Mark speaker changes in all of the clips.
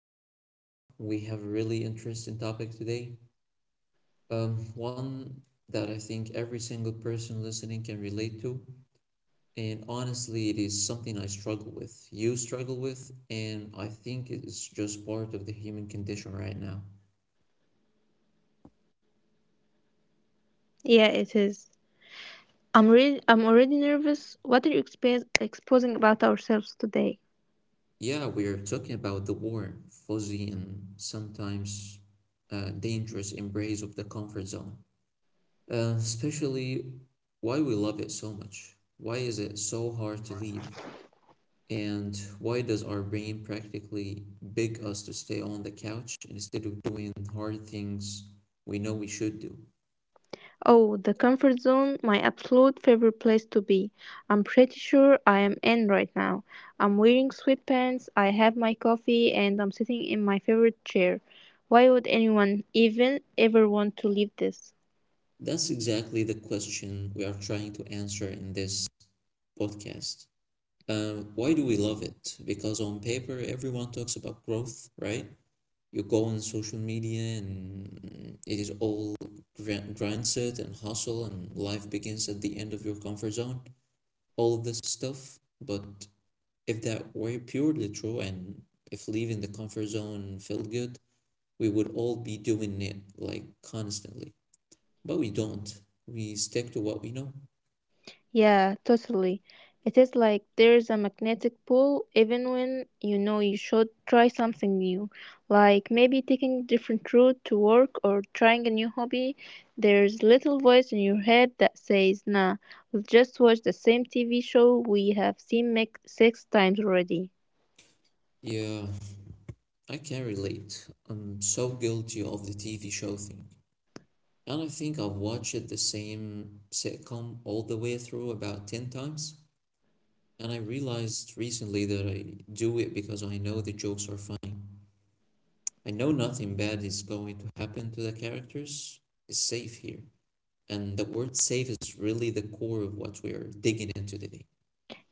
Speaker 1: to the show. We have a really interesting topic today. One that I think every single person listening can relate to. And honestly, it is something I struggle with, you struggle with, and I think it is just part of the human condition right now.
Speaker 2: Yeah, it is. I'm already nervous. What are you exposing about ourselves today?
Speaker 1: Yeah, we are talking about the warm, fuzzy, and sometimes dangerous embrace of the comfort zone. Especially why we love it so much. Why is it so hard to leave? And why does our brain practically beg us to stay on the couch instead of doing hard things we know we should do?
Speaker 2: Oh, the comfort zone, my absolute favorite place to be. I'm pretty sure I am in right now. I'm wearing sweatpants, I have my coffee, and I'm sitting in my favorite chair. Why would anyone even ever want to leave this?
Speaker 1: That's exactly the question we are trying to answer in this podcast. Why do we love it? Because on paper, everyone talks about growth, right? You go on social media and it is all grind set and hustle, and life begins at the end of your comfort zone. All of this stuff, but if that were purely true and if leaving the comfort zone felt good, we would all be doing it like constantly. But we don't. We stick to what we know.
Speaker 2: Yeah, totally. It is like there's a magnetic pull even when you know you should try something new. Like maybe taking a different route to work or trying a new hobby. There's little voice in your head that says, nah, we'll just watch the same TV show we have seen make six times already.
Speaker 1: Yeah, I can relate. I'm so guilty of the TV show thing. And I think I've watched the same sitcom all the way through about 10 times. And I realized recently that I do it because I know the jokes are funny. I know nothing bad is going to happen to the characters. It's safe here. And the word safe is really the core of what we are digging into today.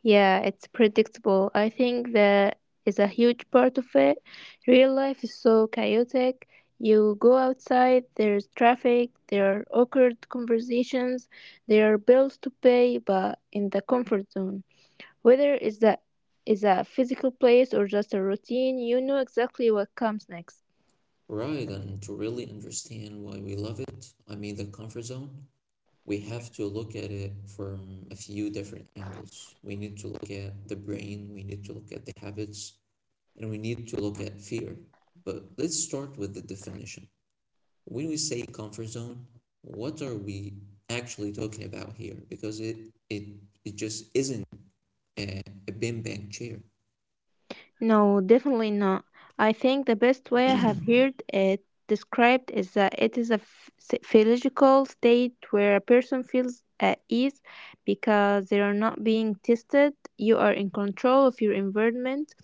Speaker 2: Yeah, it's predictable. I think that is a huge part of it. Real life is so chaotic. You go outside, there's traffic, there are awkward conversations, there are bills to pay, but in the comfort zone. Whether it's a physical place or just a routine, you know exactly what comes next.
Speaker 1: Right, and to really understand why we love it, I mean the comfort zone, we have to look at it from a few different angles. We need to look at the brain, we need to look at the habits, and we need to look at fear. But let's start with the definition. When we say comfort zone, what are we actually talking about here? Because it it just isn't a beanbag chair.
Speaker 2: No, definitely not. I think the best way I have heard it described is that it is a physiological state where a person feels at ease because they are not being tested. You are in control of your environment.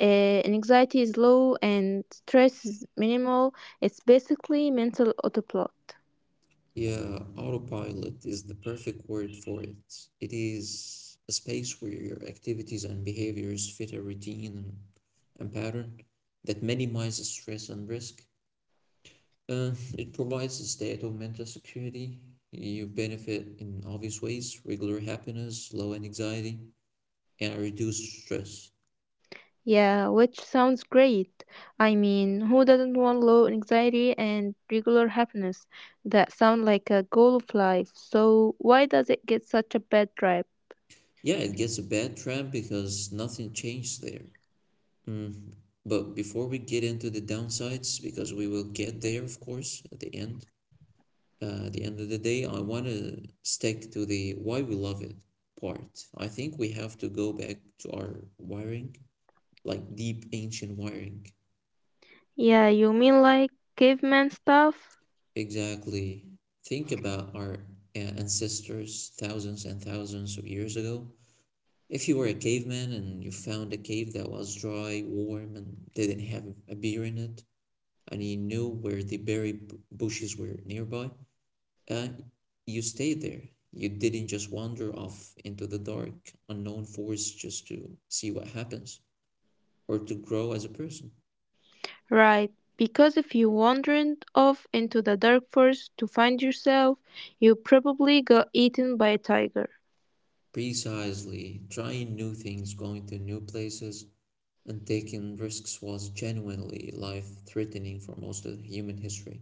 Speaker 2: Anxiety is low and stress is minimal. It's basically mental autopilot.
Speaker 1: Yeah, autopilot is the perfect word for it. It is a space where your activities and behaviors fit a routine and pattern that minimizes stress and risk. Uh, it provides a state of mental security. You benefit in obvious ways, regular happiness, low anxiety, and reduced stress.
Speaker 2: Yeah, which sounds great. I mean, who doesn't want low anxiety and regular happiness? That sound like a goal of life. So why does it get such a bad rap?
Speaker 1: Yeah, it gets a bad tramp because nothing changed there. Mm, but before we get into the downsides, because we will get there, of course, at the end of the day, I want to stick to the why we love it part. I think we have to go back to our wiring, like deep ancient wiring.
Speaker 2: Yeah, you mean like caveman stuff?
Speaker 1: Exactly. Think about our ancestors thousands and thousands of years ago. If you were a caveman and you found a cave that was dry, warm, and didn't have a beer in it, and you knew where the berry bushes were nearby, Uh, you stayed there. You didn't just wander off into the dark, unknown forest just to see what happens or to grow as a person.
Speaker 2: Right. Because if you wandered off into the dark forest to find yourself, you probably got eaten by a tiger.
Speaker 1: Precisely, trying new things, going to new places, and taking risks was genuinely life threatening for most of human history.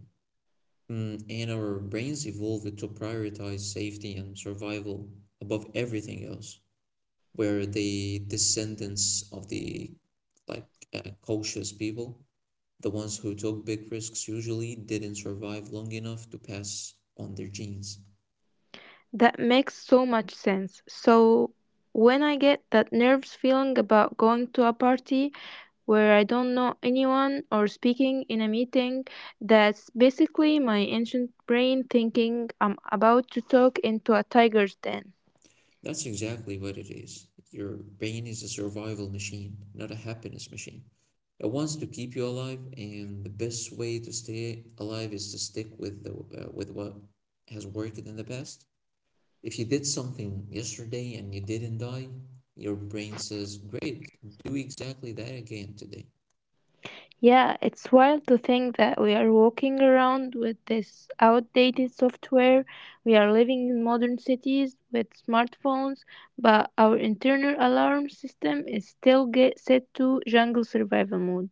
Speaker 1: And our brains evolved to prioritize safety and survival above everything else. We're the descendants of the like cautious people. The ones who took big risks usually didn't survive long enough to pass on their genes.
Speaker 2: That makes so much sense. So when I get that nerves feeling about going to a party, where I don't know anyone or speaking in a meeting that's basically my ancient brain thinking I'm about to talk into a tiger's den.
Speaker 1: That's exactly what it is. Your brain is a survival machine, not a happiness machine. It wants to keep you alive, and the best way to stay alive is to stick with the with what has worked in the past. If you did something yesterday and you didn't die, your brain says, "Great, do exactly that again today."
Speaker 2: Yeah, it's wild to think that we are walking around with this outdated software. We are living in modern cities with smartphones, but our internal alarm system is still get set to jungle survival mode.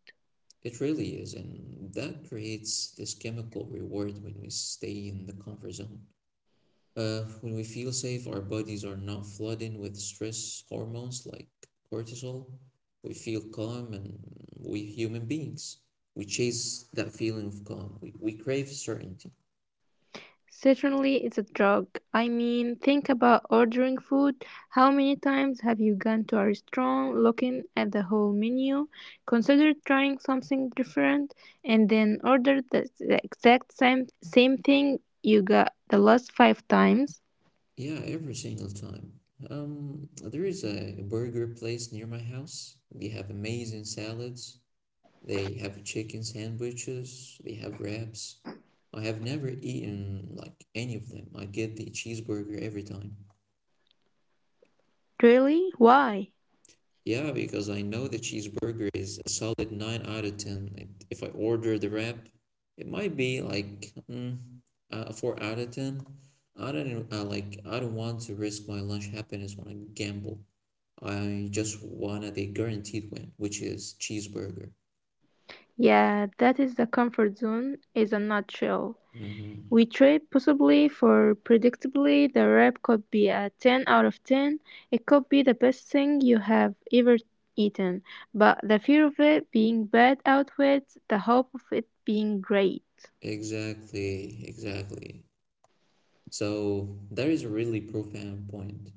Speaker 1: It really is, and that creates this chemical reward when we stay in the comfort zone. When we feel safe, our bodies are not flooding with stress hormones like cortisol. We feel calm, and we human beings, we chase that feeling of calm. We crave certainty.
Speaker 2: Certainly, it's a drug. I mean, think about ordering food. How many times have you gone to a restaurant looking at the whole menu, considered trying something different, and then ordered the exact same thing you got the last five times?
Speaker 1: Yeah, every single time. There is a burger place near my house. They have amazing salads. They have chicken sandwiches, they have wraps. I have never eaten like any of them. I get the cheeseburger every time.
Speaker 2: Really? Why?
Speaker 1: Yeah, because I know the cheeseburger is a solid 9 out of 10. If I order the wrap, it might be like a 4 out of 10. I don't want to risk my lunch happiness when I gamble. I just wanted a guaranteed win, which is cheeseburger.
Speaker 2: Yeah, that is the comfort zone, is a nutshell. We
Speaker 1: Hmm.
Speaker 2: trade possibly for predictably the wrap could be a 10 out of 10. It could be the best thing you have ever eaten, but the fear of it being bad outweighs the hope of it being great.
Speaker 1: Exactly, exactly. So that is a really profound point.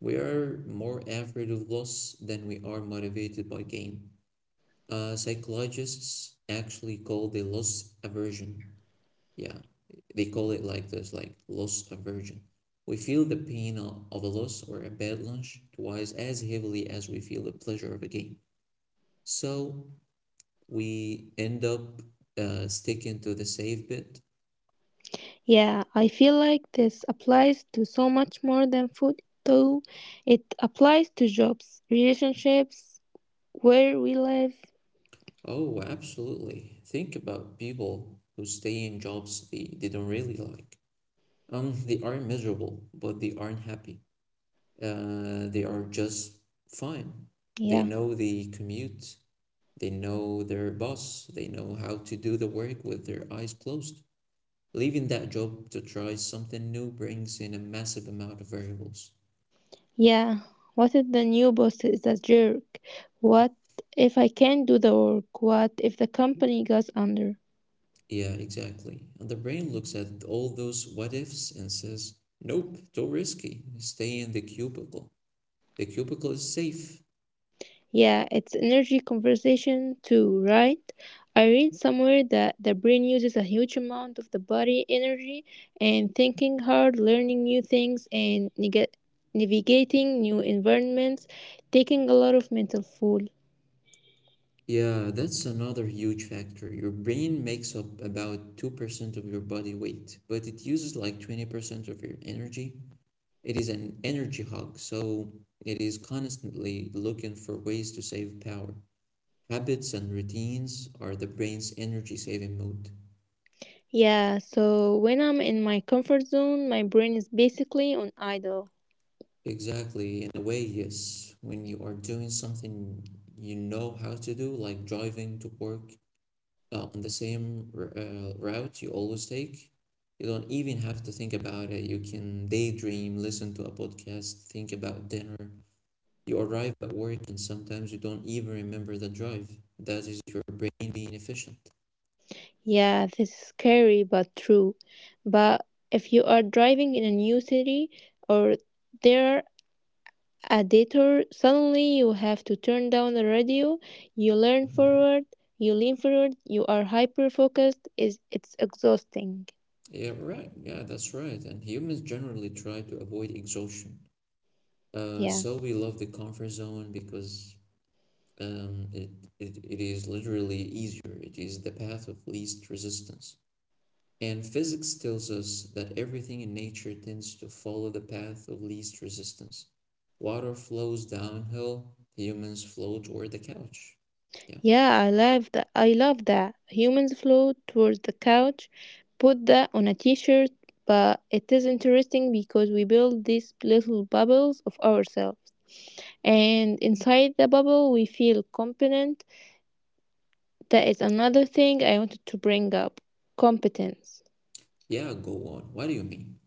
Speaker 1: We are more afraid of loss than we are motivated by gain. Psychologists actually call the loss aversion. Yeah, they call it like this, like loss aversion. We feel the pain of a loss or a bad lunch twice as heavily as we feel the pleasure of a gain. So we end up sticking to the safe bit.
Speaker 2: Yeah, I feel like this applies to so much more than food, though. It applies to jobs, relationships, where we live.
Speaker 1: Oh, absolutely. Think about people who stay in jobs they don't really like. They aren't miserable, but they aren't happy. They are just fine. They
Speaker 2: Yeah.
Speaker 1: know the commute, they know their boss, they know how to do the work with their eyes closed. Leaving that job to try something new brings in a massive amount of variables.
Speaker 2: Yeah. What if the new boss is a jerk? What if I can't do the work? What if the company goes under?
Speaker 1: Yeah, exactly. And the brain looks at all those what ifs and says, nope, too risky. Stay in the cubicle. The cubicle is safe.
Speaker 2: Yeah, it's energy conversation too, right? I read somewhere that the brain uses a huge amount of the body energy and thinking hard, learning new things, and navigating new environments, taking a lot of mental fuel.
Speaker 1: Yeah, that's another huge factor. Your brain makes up about 2% of your body weight, but it uses like 20% of your energy. It is an energy hog, so it is constantly looking for ways to save power. Habits and routines are the brain's energy saving mode.
Speaker 2: Yeah, so when I'm in my comfort zone, my brain is basically on idle.
Speaker 1: Exactly, in a way, yes. When you are doing something you know how to do, like driving to work, on the same route you always take. You don't even have to think about it. You can daydream, listen to a podcast, think about dinner. You arrive at work and sometimes you don't even remember the drive. That is your brain being efficient.
Speaker 2: Yeah, this is scary but true. But if you are driving in a new city or there a detour, suddenly you have to turn down the radio, you learn
Speaker 1: Mhm.
Speaker 2: forward, you lean forward, you are hyper focused, is it's exhausting.
Speaker 1: Yeah, right. Yeah, that's right. And humans generally try to avoid exhaustion. Uh,
Speaker 2: Yeah.
Speaker 1: so we love the comfort zone because um, it, it is literally easier. It is the path of least resistance. And physics tells us that everything in nature tends to follow the path of least resistance. Water flows downhill, humans flow toward the couch. Yeah.
Speaker 2: Yeah, I love that. I love that. Humans flow towards the couch. Put that on a t-shirt, but it is interesting because we build these little bubbles of ourselves. And inside the bubble, we feel competent. That is another thing I wanted to bring up. Competence.
Speaker 1: Yeah, go on. What do you mean?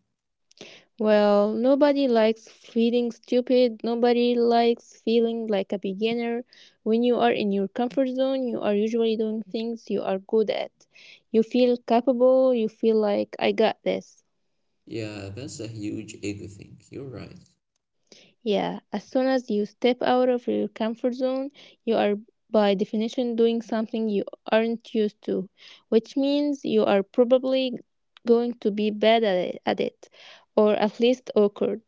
Speaker 2: Well, nobody likes feeling stupid. Nobody likes feeling like a beginner. When you are in your comfort zone, you are usually doing things you are good at. You feel capable. You feel like, I got this.
Speaker 1: Yeah, that's a huge ego thing. You're right.
Speaker 2: Yeah, as soon as you step out of your comfort zone, you are by definition doing something you aren't used to, which means you are probably going to be bad at it or at least awkward.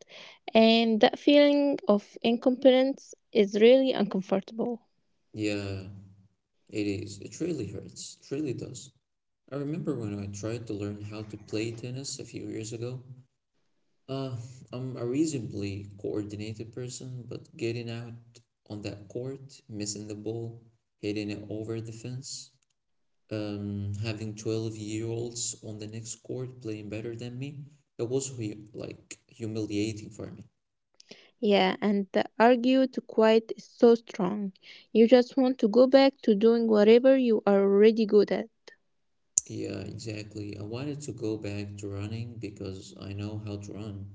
Speaker 2: And that feeling of incompetence is really uncomfortable.
Speaker 1: Yeah, it is. It really hurts. It really does. I remember when I tried to learn how to play tennis a few years ago. Uh, I'm a reasonably coordinated person, but getting out on that court, missing the ball, hitting it over the fence, having 12-year-olds on the next court playing better than me, that was humiliating for me.
Speaker 2: Yeah, and the argue to quiet is so strong. You just want to go back to doing whatever you are already good at.
Speaker 1: Yeah, exactly. I wanted to go back to running because I know how to run.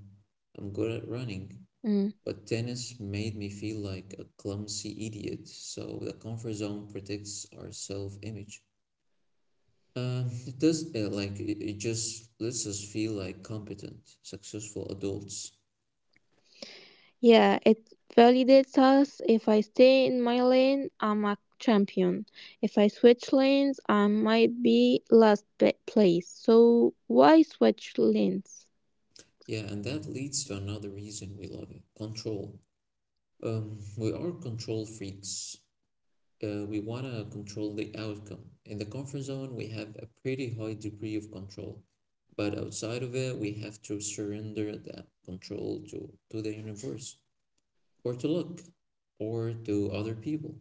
Speaker 1: I'm good at running,
Speaker 2: Mm.
Speaker 1: but tennis made me feel like a clumsy idiot, so the comfort zone protects our self image. It just lets us feel like competent, successful adults.
Speaker 2: Yeah, it validates us. If I stay in my lane, I'm a champion. If I switch lanes, I might be last place. So why switch lanes?
Speaker 1: Yeah, and that leads to another reason we love it, control. We are control freaks. We wanna control the outcome. In the comfort zone, we have a pretty high degree of control, but outside of it, we have to surrender that control to the universe, or to luck, or to other people,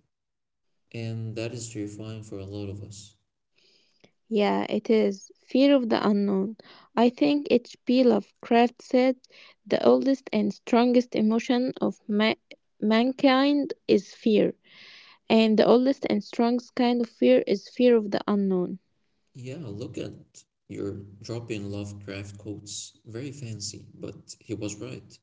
Speaker 1: and that is terrifying for a lot of us.
Speaker 2: Yeah, it is. Fear of the unknown. I think H.P. Lovecraft said the oldest and strongest emotion of mankind is fear, and the oldest and strongest kind of fear is fear of the unknown.
Speaker 1: Yeah, look at you're dropping Lovecraft quotes. Very fancy, but he was right.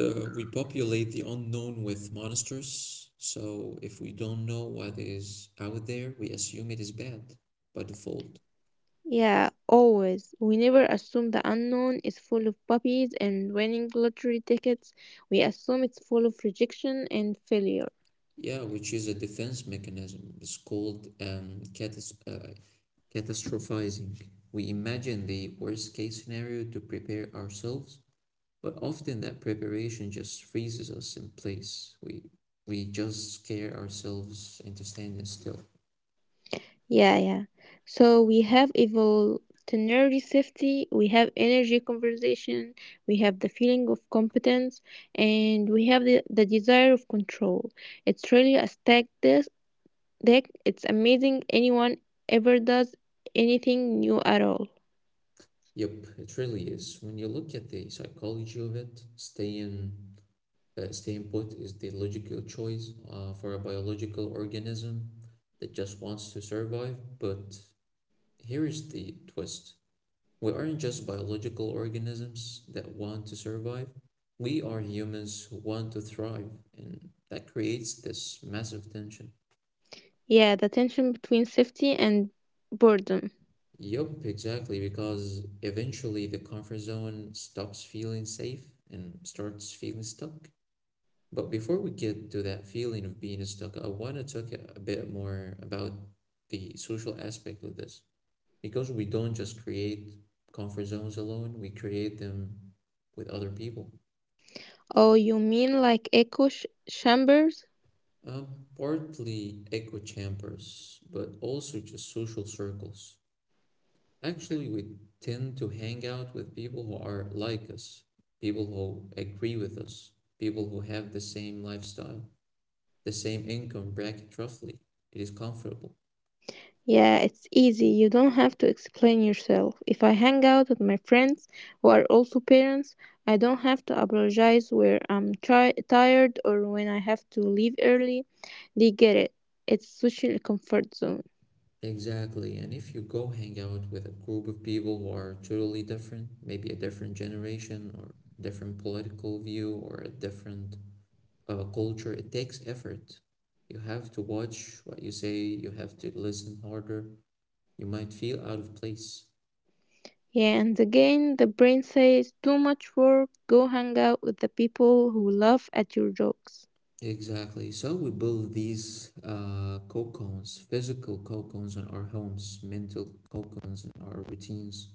Speaker 1: We populate the unknown with monsters, so if we don't know what is out there, we assume it is bad by default.
Speaker 2: Yeah, always. We never assume the unknown is full of puppies and winning lottery tickets. We assume it's full of rejection and failure.
Speaker 1: Yeah, which is a defense mechanism. It's called catastrophizing. We imagine the worst case scenario to prepare ourselves. But often that preparation just freezes us in place. We just scare ourselves into standing still.
Speaker 2: Yeah, yeah. So we have evolutionary safety, we have energy conversation, we have the feeling of competence, and we have the desire of control. It's really a stack this deck. It's amazing anyone ever does anything new at all.
Speaker 1: Yep, it really is. When you look at the psychology of it, staying put is the logical choice for a biological organism that just wants to survive. But here is the twist: we aren't just biological organisms that want to survive. We are humans who want to thrive, and that creates this massive tension.
Speaker 2: Yeah, the tension between safety and boredom.
Speaker 1: Yup, exactly, because eventually the comfort zone stops feeling safe and starts feeling stuck. But before we get to that feeling of being stuck, I want to talk a bit more about the social aspect of this. Because we don't just create comfort zones alone, we create them with other people.
Speaker 2: Oh, you mean like echo chambers?
Speaker 1: Uh, partly echo chambers, but also just social circles. Actually, we tend to hang out with people who are like us, people who agree with us, people who have the same lifestyle, the same income bracket roughly. It is comfortable.
Speaker 2: Yeah, it's easy. You don't have to explain yourself. If I hang out with my friends who are also parents, I don't have to apologize where I'm tired or when I have to leave early. They get it. It's social comfort zone.
Speaker 1: Exactly. And if you go hang out with a group of people who are totally different, maybe a different generation or different political view or a different culture, it takes effort. You have to watch what you say, you have to listen harder, you might feel out of place.
Speaker 2: Yeah, and again, the brain says too much work, go hang out with the people who laugh at your jokes.
Speaker 1: Exactly. So we build these cocons, physical cocons in our homes, mental cocons in our routines,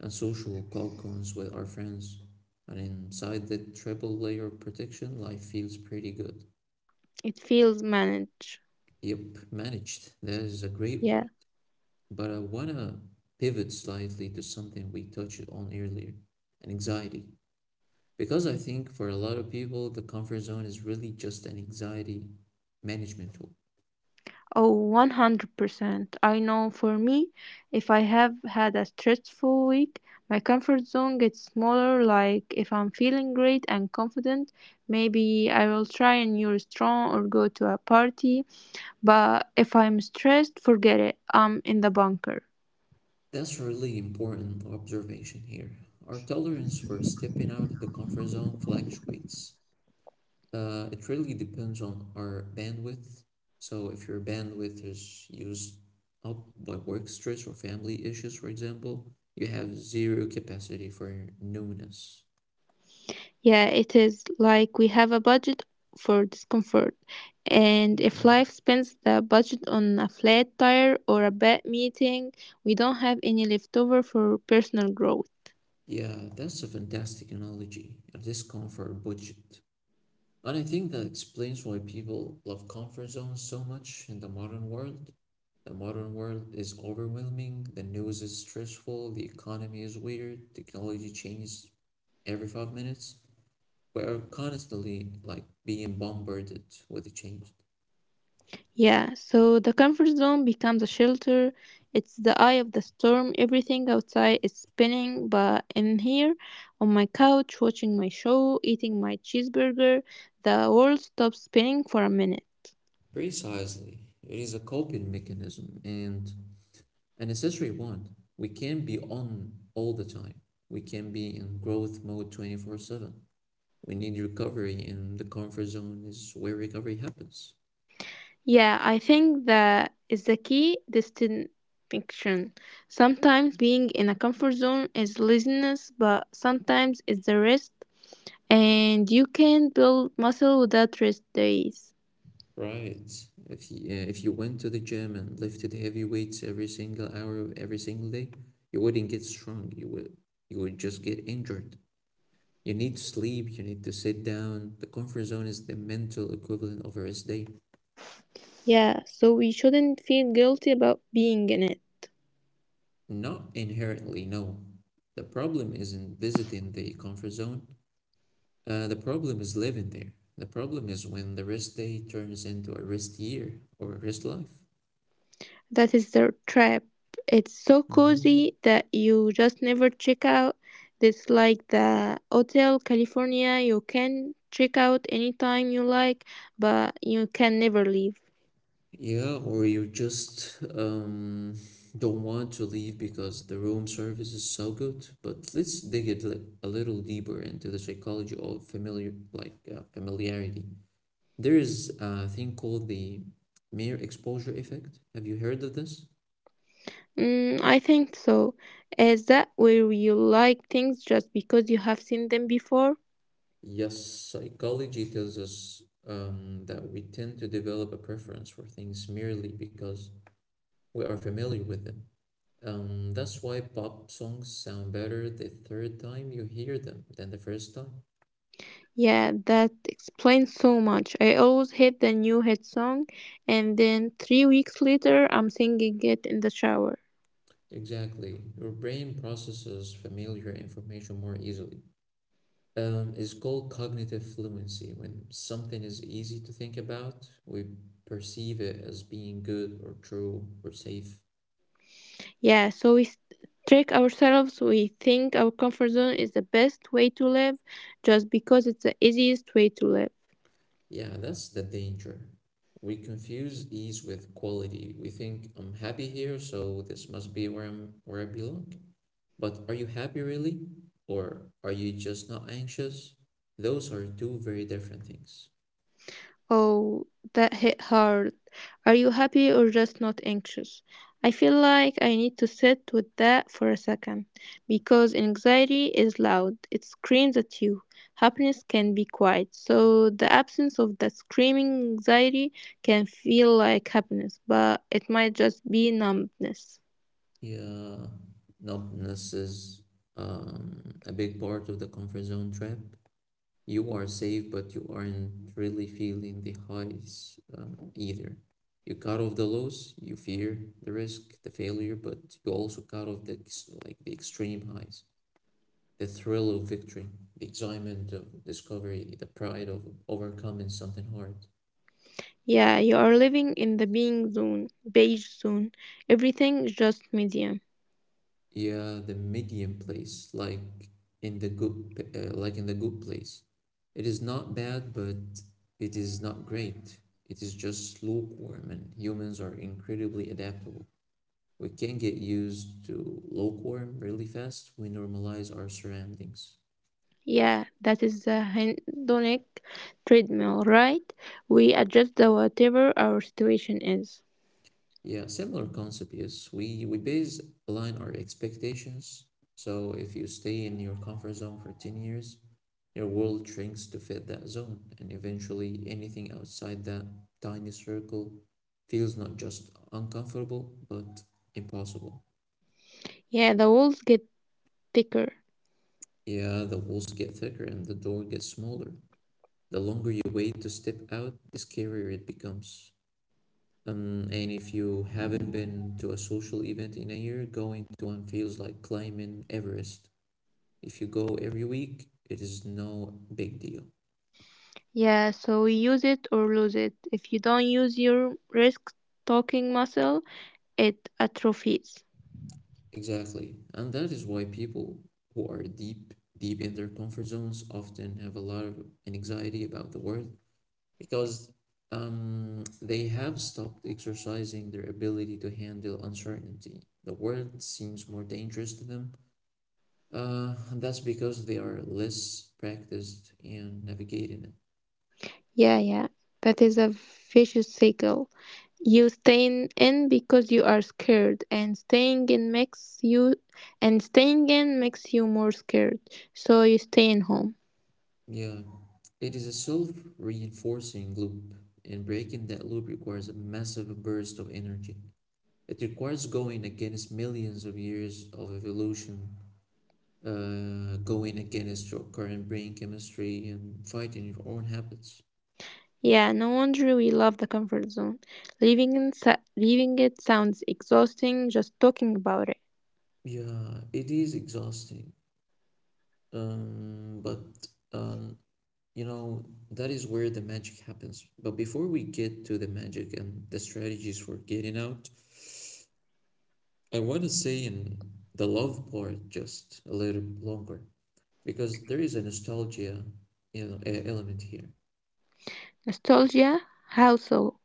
Speaker 1: and social cocons with our friends. And inside that triple layer of protection, life feels pretty good.
Speaker 2: It feels managed.
Speaker 1: Yep, managed. That is a great
Speaker 2: Yeah.
Speaker 1: word. But I wanna pivot slightly to something we touched on earlier, an anxiety. Because I think for a lot of people, the comfort zone is really just an anxiety management tool.
Speaker 2: Oh, 100%. I know for me, if I have had a stressful week, my comfort zone gets smaller. Like if I'm feeling great and confident, maybe I will try a new restaurant or go to a party. But if I'm stressed, forget it. I'm in the bunker.
Speaker 1: That's a really important observation here. Our tolerance for stepping out of the comfort zone fluctuates. It really depends on our bandwidth. So, if your bandwidth is used up by work stress or family issues, for example, you have zero capacity for newness.
Speaker 2: Yeah, it is like we have a budget for discomfort. And if
Speaker 1: Mhm.
Speaker 2: life spends the budget on a flat tire or a bad meeting, we don't have any leftover for personal growth.
Speaker 1: Yeah, that's a fantastic analogy, a discomfort budget. And I think that explains why people love comfort zones so much in the modern world. The modern world is overwhelming, the news is stressful, the economy is weird, technology changes every 5 minutes. We are constantly like being bombarded with change.
Speaker 2: Yeah, so the comfort zone becomes a shelter. It's the eye of the storm. Everything outside is spinning, but in here, on my couch, watching my show, eating my cheeseburger, the world stops spinning for a minute.
Speaker 1: Precisely. It is a coping mechanism and a necessary one. We can't be on all the time. We can't be in growth mode 24/7. We need recovery, and the comfort zone is where recovery happens.
Speaker 2: Yeah, I think that is the key distinction. Sometimes being in a comfort zone is laziness, but sometimes it's the rest, and you can build muscle without rest days.
Speaker 1: Right. If you went to the gym and lifted heavy weights every single hour of every single day, you wouldn't get strong. You would just get injured. You need to sleep, you need to sit down. The comfort zone is the mental equivalent of a rest day.
Speaker 2: Yeah, so we shouldn't feel guilty about being in it.
Speaker 1: Not inherently, no. The problem isn't visiting the comfort zone. The problem is living there. The problem is when the rest day turns into a rest year or a rest life.
Speaker 2: That is the trap. It's so
Speaker 1: Hmm.
Speaker 2: cozy that you just never check out. It's like the Hotel California. You can check out anytime you like, but you can never leave.
Speaker 1: Yeah, or you just don't want to leave because the room service is so good. But let's dig a little deeper into the psychology of familiar, like familiarity. There is a thing called the mere exposure effect. Have you heard of this?
Speaker 2: Mm, I think so. Is that where you like things just because you have seen them before?
Speaker 1: Yes, psychology tells us that we tend to develop a preference for things merely because we are familiar with them. That's why pop songs sound better the third time you hear them than the first time.
Speaker 2: Yeah, that explains so much. I always hate the new hit song, and then 3 weeks later, I'm singing it in the shower.
Speaker 1: Exactly. Your brain processes familiar information more easily. It's called cognitive fluency. When something is easy to think about, we perceive it as being good or true or safe.
Speaker 2: Yeah, so we trick ourselves. We think our comfort zone is the best way to live just because it's the easiest way to live.
Speaker 1: Yeah, that's the danger. We confuse ease with quality. We think I'm happy here, so this must be where I'm where I belong. But are you happy really? Or are you just not anxious? Those are two very different things.
Speaker 2: Oh, that hit hard. Are you happy or just not anxious? I feel like I need to sit with that for a second because anxiety is loud. It screams at you. Happiness can be quiet. So the absence of that screaming anxiety can feel like happiness, but it might just be numbness.
Speaker 1: Yeah, numbness is a big part of the comfort zone trap. You are safe, but you aren't really feeling the highs either. You cut off the lows, you fear the risk, the failure, but you also cut off the like the extreme highs, the thrill of victory, the excitement of discovery, the pride of overcoming something hard.
Speaker 2: Yeah, you are living in the beige zone. Everything is just medium.
Speaker 1: Yeah, the medium place, like in like in the good place. It is not bad, but it is not great. It is just lukewarm, and humans are incredibly adaptable. We can get used to lukewarm really fast. We normalize our surroundings.
Speaker 2: Yeah, that is the hedonic treadmill, right? We adjust the whatever our situation is.
Speaker 1: Yeah, similar concept. Yes, we base align our expectations. So if you stay in your comfort zone for 10 years, your world shrinks to fit that zone, and eventually anything outside that tiny circle feels not just uncomfortable, but impossible.
Speaker 2: Yeah, the walls get thicker.
Speaker 1: Yeah, the walls get thicker and the door gets smaller. The longer you wait to step out, the scarier it becomes. And if you haven't been to a social event in a year, going to one feels like climbing Everest. If you go every week, it is no big deal.
Speaker 2: Yeah, so we use it or lose it. If you don't use your risk talking muscle, it atrophies.
Speaker 1: Exactly. And that is why people who are deep, deep in their comfort zones often have a lot of anxiety about the world because they have stopped exercising their ability to handle uncertainty. The world seems more dangerous to them. And that's because they are less practiced in navigating it.
Speaker 2: Yeah, yeah, that is a vicious cycle. You staying in because you are scared, and staying in makes you more scared. So you stay in home.
Speaker 1: Yeah. It is a self-reinforcing loop, and breaking that loop requires a massive burst of energy. It requires going against millions of years of evolution, going against your current brain chemistry, and fighting your own habits.
Speaker 2: Yeah, no wonder we love the comfort zone. Leaving it sounds exhausting just talking about it.
Speaker 1: Yeah, it is exhausting. But um, you know, that is where the magic happens. But before we get to the magic and the strategies for getting out, I want to say in the love part just a little longer because there is a nostalgia, you know, element here.
Speaker 2: Nostalgia? How so?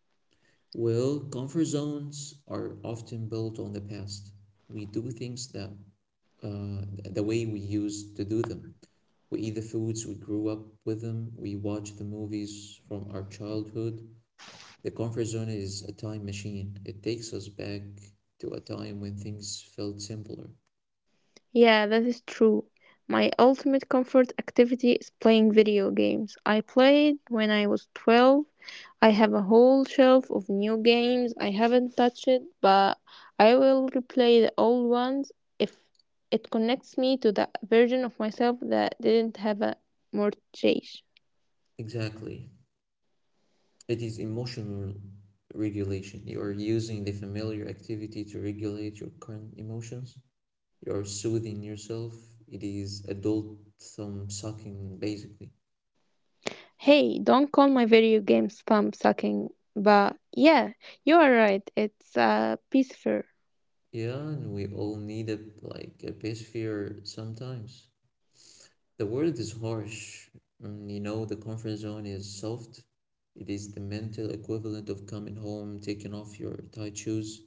Speaker 1: Well, comfort zones are often built on the past. We do things that the way we used to do them. We eat the foods, we grew up with them, we watch the movies from our childhood. The comfort zone is a time machine. It takes us back to a time when things felt simpler.
Speaker 2: Yeah, that is true. My ultimate comfort activity is playing video games. I played when I was 12. I have a whole shelf of new games. I haven't touched it, but I will replay the old ones if it connects me to the version of myself that didn't have a mortgage.
Speaker 1: Exactly. It is emotional regulation. You are using the familiar activity to regulate your current emotions. You're soothing yourself. It is adult thumb sucking, basically.
Speaker 2: Hey, don't call my video games thumb sucking, but yeah, you are right. It's peaceful.
Speaker 1: Yeah, and we all need a like a pacifier sometimes. The world is harsh, and you know, the comfort zone is soft. It is the mental equivalent of coming home, taking off your tight shoes,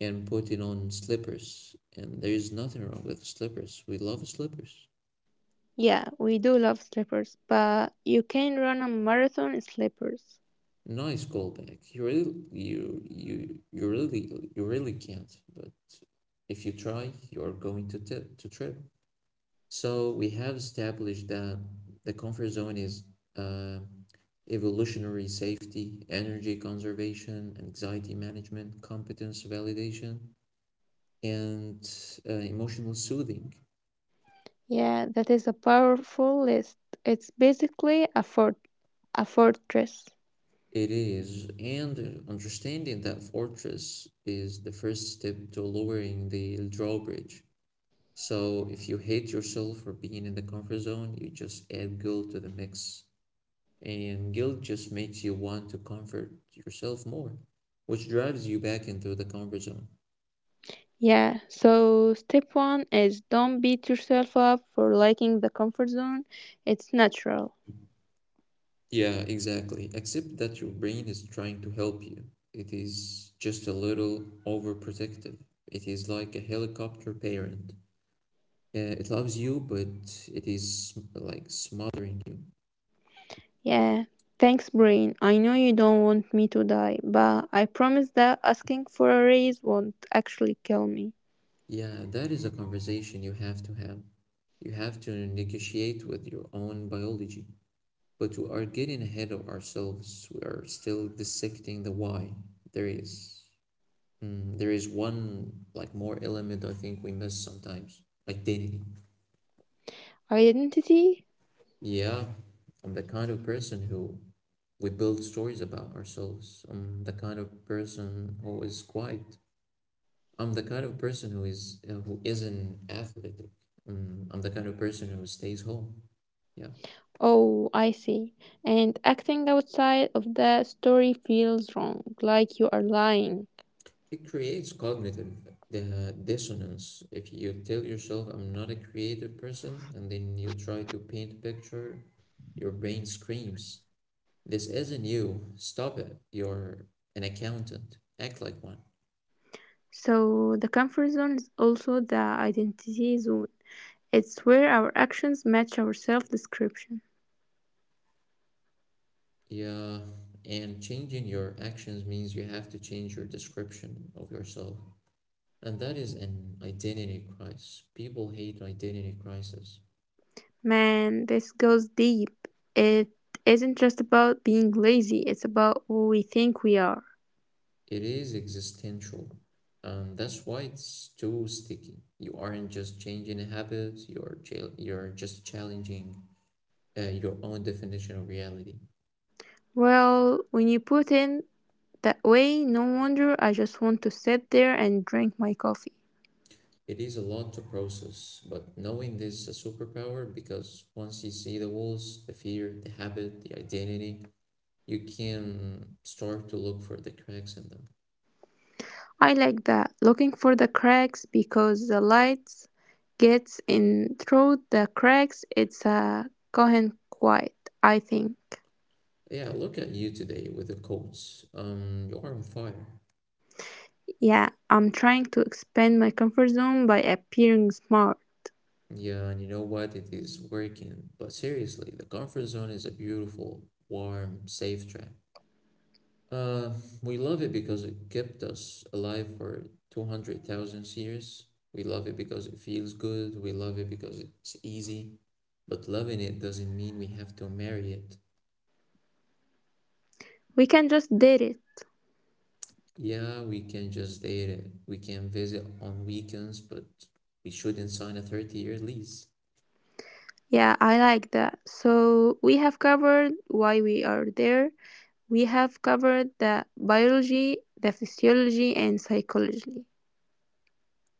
Speaker 1: and putting on slippers. And there is nothing wrong with slippers. We love slippers.
Speaker 2: Yeah, we do love slippers, but you can run a marathon in slippers.
Speaker 1: Nice callback. You really can't. But if you try, you're going to trip. So we have established that the comfort zone is uh, evolutionary safety, energy conservation, anxiety management, competence validation, and emotional soothing.
Speaker 2: Yeah, that is a powerful list. It's basically a fortress.
Speaker 1: It is, and understanding that fortress is the first step to lowering the drawbridge. So if you hate yourself for being in the comfort zone, you just add guilt to the mix. And guilt just makes you want to comfort yourself more, which drives you back into the comfort zone.
Speaker 2: Yeah, so step one is don't beat yourself up for liking the comfort zone. It's natural.
Speaker 1: Yeah, exactly. Except that your brain is trying to help you. It is just a little overprotective. It is like a helicopter parent. Yeah, it loves you, but it is like smothering you.
Speaker 2: Yeah. Thanks, Brain. I know you don't want me to die, but I promise that asking for a raise won't actually kill me.
Speaker 1: Yeah, that is a conversation you have to have. You have to negotiate with your own biology. But we are getting ahead of ourselves. We are still dissecting the why. There is there is one like more element I think we miss sometimes. Identity.
Speaker 2: Identity?
Speaker 1: Yeah, I'm the kind of person who we build stories about ourselves. I'm the kind of person who is quiet. I'm the kind of person who is who isn't athletic. I'm the kind of person who stays home. Yeah,
Speaker 2: Oh, I see. And acting outside of that story feels wrong, like you are lying.
Speaker 1: it creates cognitive dissonance. If you tell yourself, I'm not a creative person, and then you try to paint a picture, your brain screams, this isn't you. Stop it. You're an accountant. Act like one.
Speaker 2: So, the comfort zone is also the identity zone. It's where our actions match our self description.
Speaker 1: Yeah, and changing your actions means you have to change your description of yourself. And that is an identity crisis. People hate identity crisis.
Speaker 2: Man, this goes deep. It isn't just about being lazy, it's about who we think we are.
Speaker 1: It is existential. That's why it's too sticky. You aren't just changing a habit, you're just challenging your own definition of reality.
Speaker 2: Well, when you put it that way, no wonder I just want to sit there and drink my coffee.
Speaker 1: It is a lot to process, but knowing this is a superpower because once you see the walls, the fear, the habit, the identity, you can start to look for the cracks in them.
Speaker 2: I like that, looking for the cracks because the light gets in through the cracks. It's a Cohen quiet, I think.
Speaker 1: Yeah, look at you today with the coats. You are on fire.
Speaker 2: Yeah, I'm trying to expand my comfort zone by appearing smart.
Speaker 1: Yeah, and you know what? It is working. But seriously, the comfort zone is a beautiful, warm, safe trap. Uh, we love it because it kept us alive for 200,000 years. We love it because it feels good. We love it because it's easy. But loving it doesn't mean we have to marry it.
Speaker 2: We can just did it.
Speaker 1: Yeah, we can just date it. We can visit on weekends, but we shouldn't sign a 30-year lease.
Speaker 2: Yeah, I like that. So we have covered why we are there. We have covered the biology, the physiology, and psychology.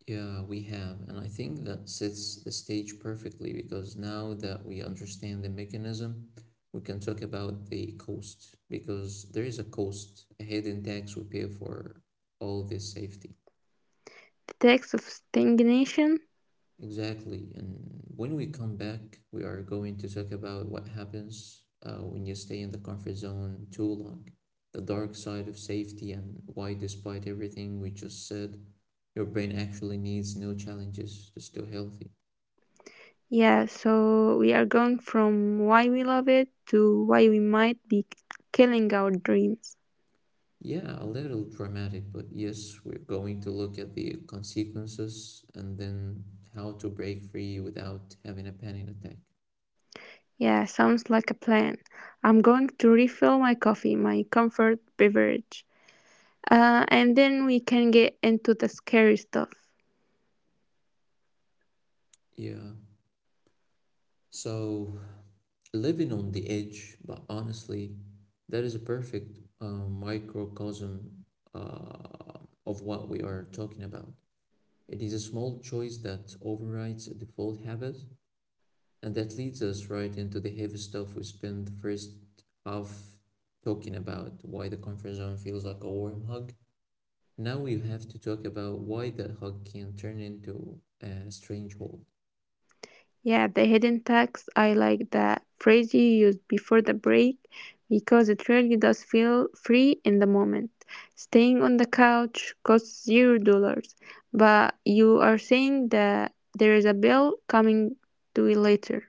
Speaker 1: Yeah, we have. And I think that sets the stage perfectly because now that we understand the mechanism, we can talk about the cost because there is a cost, a hidden tax we pay for all this safety.
Speaker 2: The text of stagnation.
Speaker 1: Exactly. And when we come back, we are going to talk about what happens when you stay in the comfort zone too long, the dark side of safety, and why, despite everything we just said, your brain actually needs new challenges to stay healthy.
Speaker 2: Yeah, so we are going from why we love it to why we might be killing our dreams.
Speaker 1: Yeah, a little dramatic, but yes, we're going to look at the consequences and then how to break free without having a panic attack.
Speaker 2: Yeah, sounds like a plan. I'm going to refill my coffee, my comfort beverage. And then we can get into the scary stuff.
Speaker 1: Yeah. So, living on the edge, but honestly, that is a perfect microcosm uh, of what we are talking about. It is a small choice that overrides a default habit, and that leads us right into the heavy stuff. We spent the first half talking about why the comfort zone feels like a warm hug. Now we have to talk about why that hug can turn into a strange hold.
Speaker 2: Yeah, the hidden tax. I like that phrase you used before the break because it really does feel free in the moment. Staying on the couch costs $0, but you are saying that there is a bill coming to you later.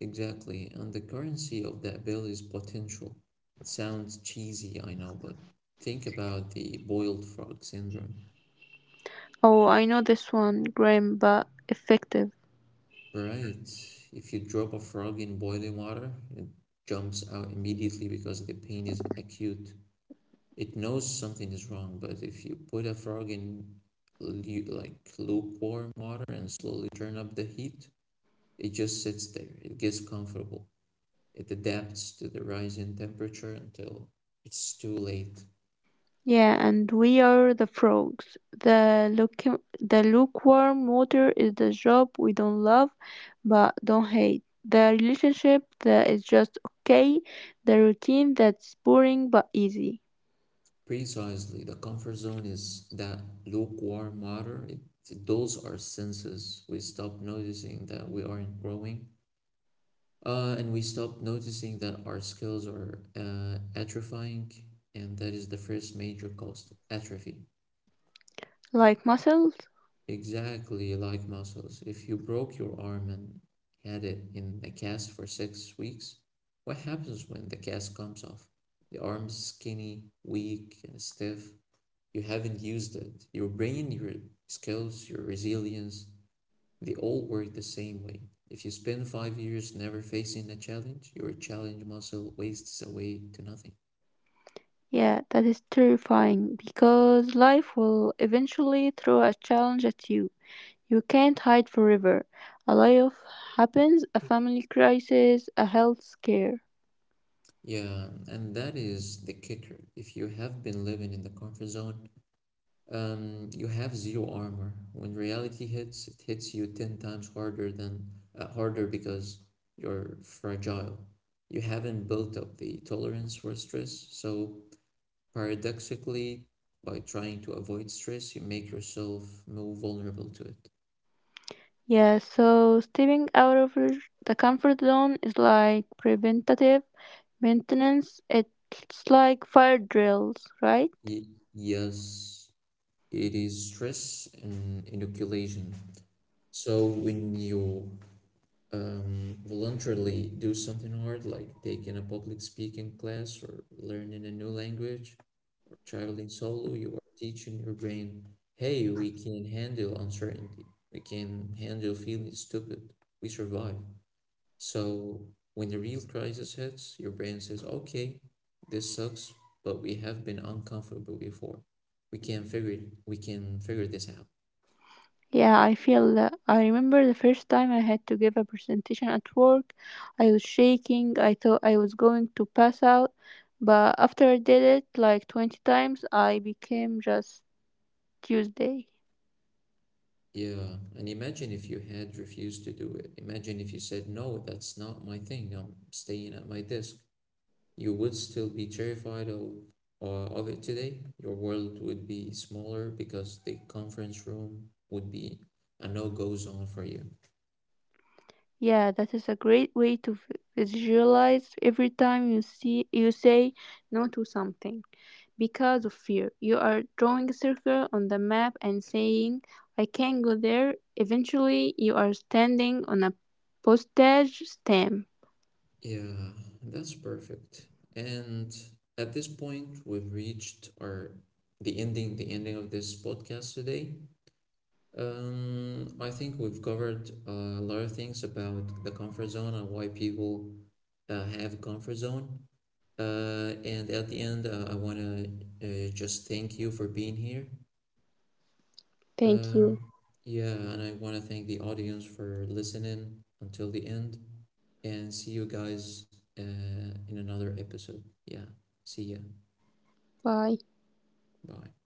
Speaker 1: Exactly, and the currency of that bill is potential. It sounds cheesy, I know, but think about the boiled frog syndrome.
Speaker 2: Oh, I know this one, Graham, but effective.
Speaker 1: Right, if you drop a frog in boiling water, it jumps out immediately because the pain is acute. It knows something is wrong, but if you put a frog in like lukewarm water and slowly turn up the heat, it just sits there. It gets comfortable. It adapts to the rise in temperature until it's too late.
Speaker 2: Yeah, and we are the frogs. The lukewarm water is the job we don't love but don't hate. The relationship that is just okay. The routine that's boring but easy.
Speaker 1: Precisely, the comfort zone is that lukewarm water. It dulls our senses. We stop noticing that we aren't growing. And we stop noticing that our skills are atrophying, and that is the first major cost, atrophy.
Speaker 2: Like muscles?
Speaker 1: Exactly like muscles. If you broke your arm and had it in a cast for 6 weeks, what happens when the cast comes off? The arm's skinny, weak, and stiff. You haven't used it. Your brain, your skills, your resilience, they all work the same way. If you spend 5 years never facing a challenge, your challenge muscle wastes away to nothing.
Speaker 2: Yeah, that is terrifying because life will eventually throw a challenge at you. You can't hide forever. A layoff happens, a family crisis, a health scare.
Speaker 1: Yeah, and that is the kicker. If you have been living in the comfort zone, you have zero armor. When reality hits, it hits you 10 times harder than harder because you're fragile. You haven't built up the tolerance for stress, so paradoxically, by trying to avoid stress, you make yourself more vulnerable to it.
Speaker 2: Yeah, so stepping out of the comfort zone is like preventative maintenance. It's like fire drills, right?
Speaker 1: Yes, it is stress and inoculation. So when you voluntarily do something hard, like taking a public speaking class or learning a new language or traveling solo, you are teaching your brain, hey, we can handle uncertainty. We can handle feeling stupid. We survive. So when the real crisis hits, your brain says, okay, this sucks, but we have been uncomfortable before. We can figure this out.
Speaker 2: Yeah, I feel that. I remember the first time I had to give a presentation at work. I was shaking. I thought I was going to pass out. But after I did it like 20 times, I became just Tuesday.
Speaker 1: Yeah, and imagine if you had refused to do it. Imagine if you said, no, that's not my thing. I'm staying at my desk. You would still be terrified of it today. Your world would be smaller because the conference room would be a no-go zone for you.
Speaker 2: Yeah, that is a great way to visualize every time you say no to something because of fear. You are drawing a circle on the map and saying, I can go there. Eventually, you are standing on a postage stamp.
Speaker 1: Yeah, that's perfect. And at this point, we've reached our the ending of this podcast today. I think we've covered a lot of things about the comfort zone and why people have a comfort zone. And at the end, I want to just thank you for being here.
Speaker 2: Thank you.
Speaker 1: Um, yeah, and I want to thank the audience for listening until the end and see you guys in another episode. Yeah, see ya.
Speaker 2: Bye.
Speaker 1: Bye.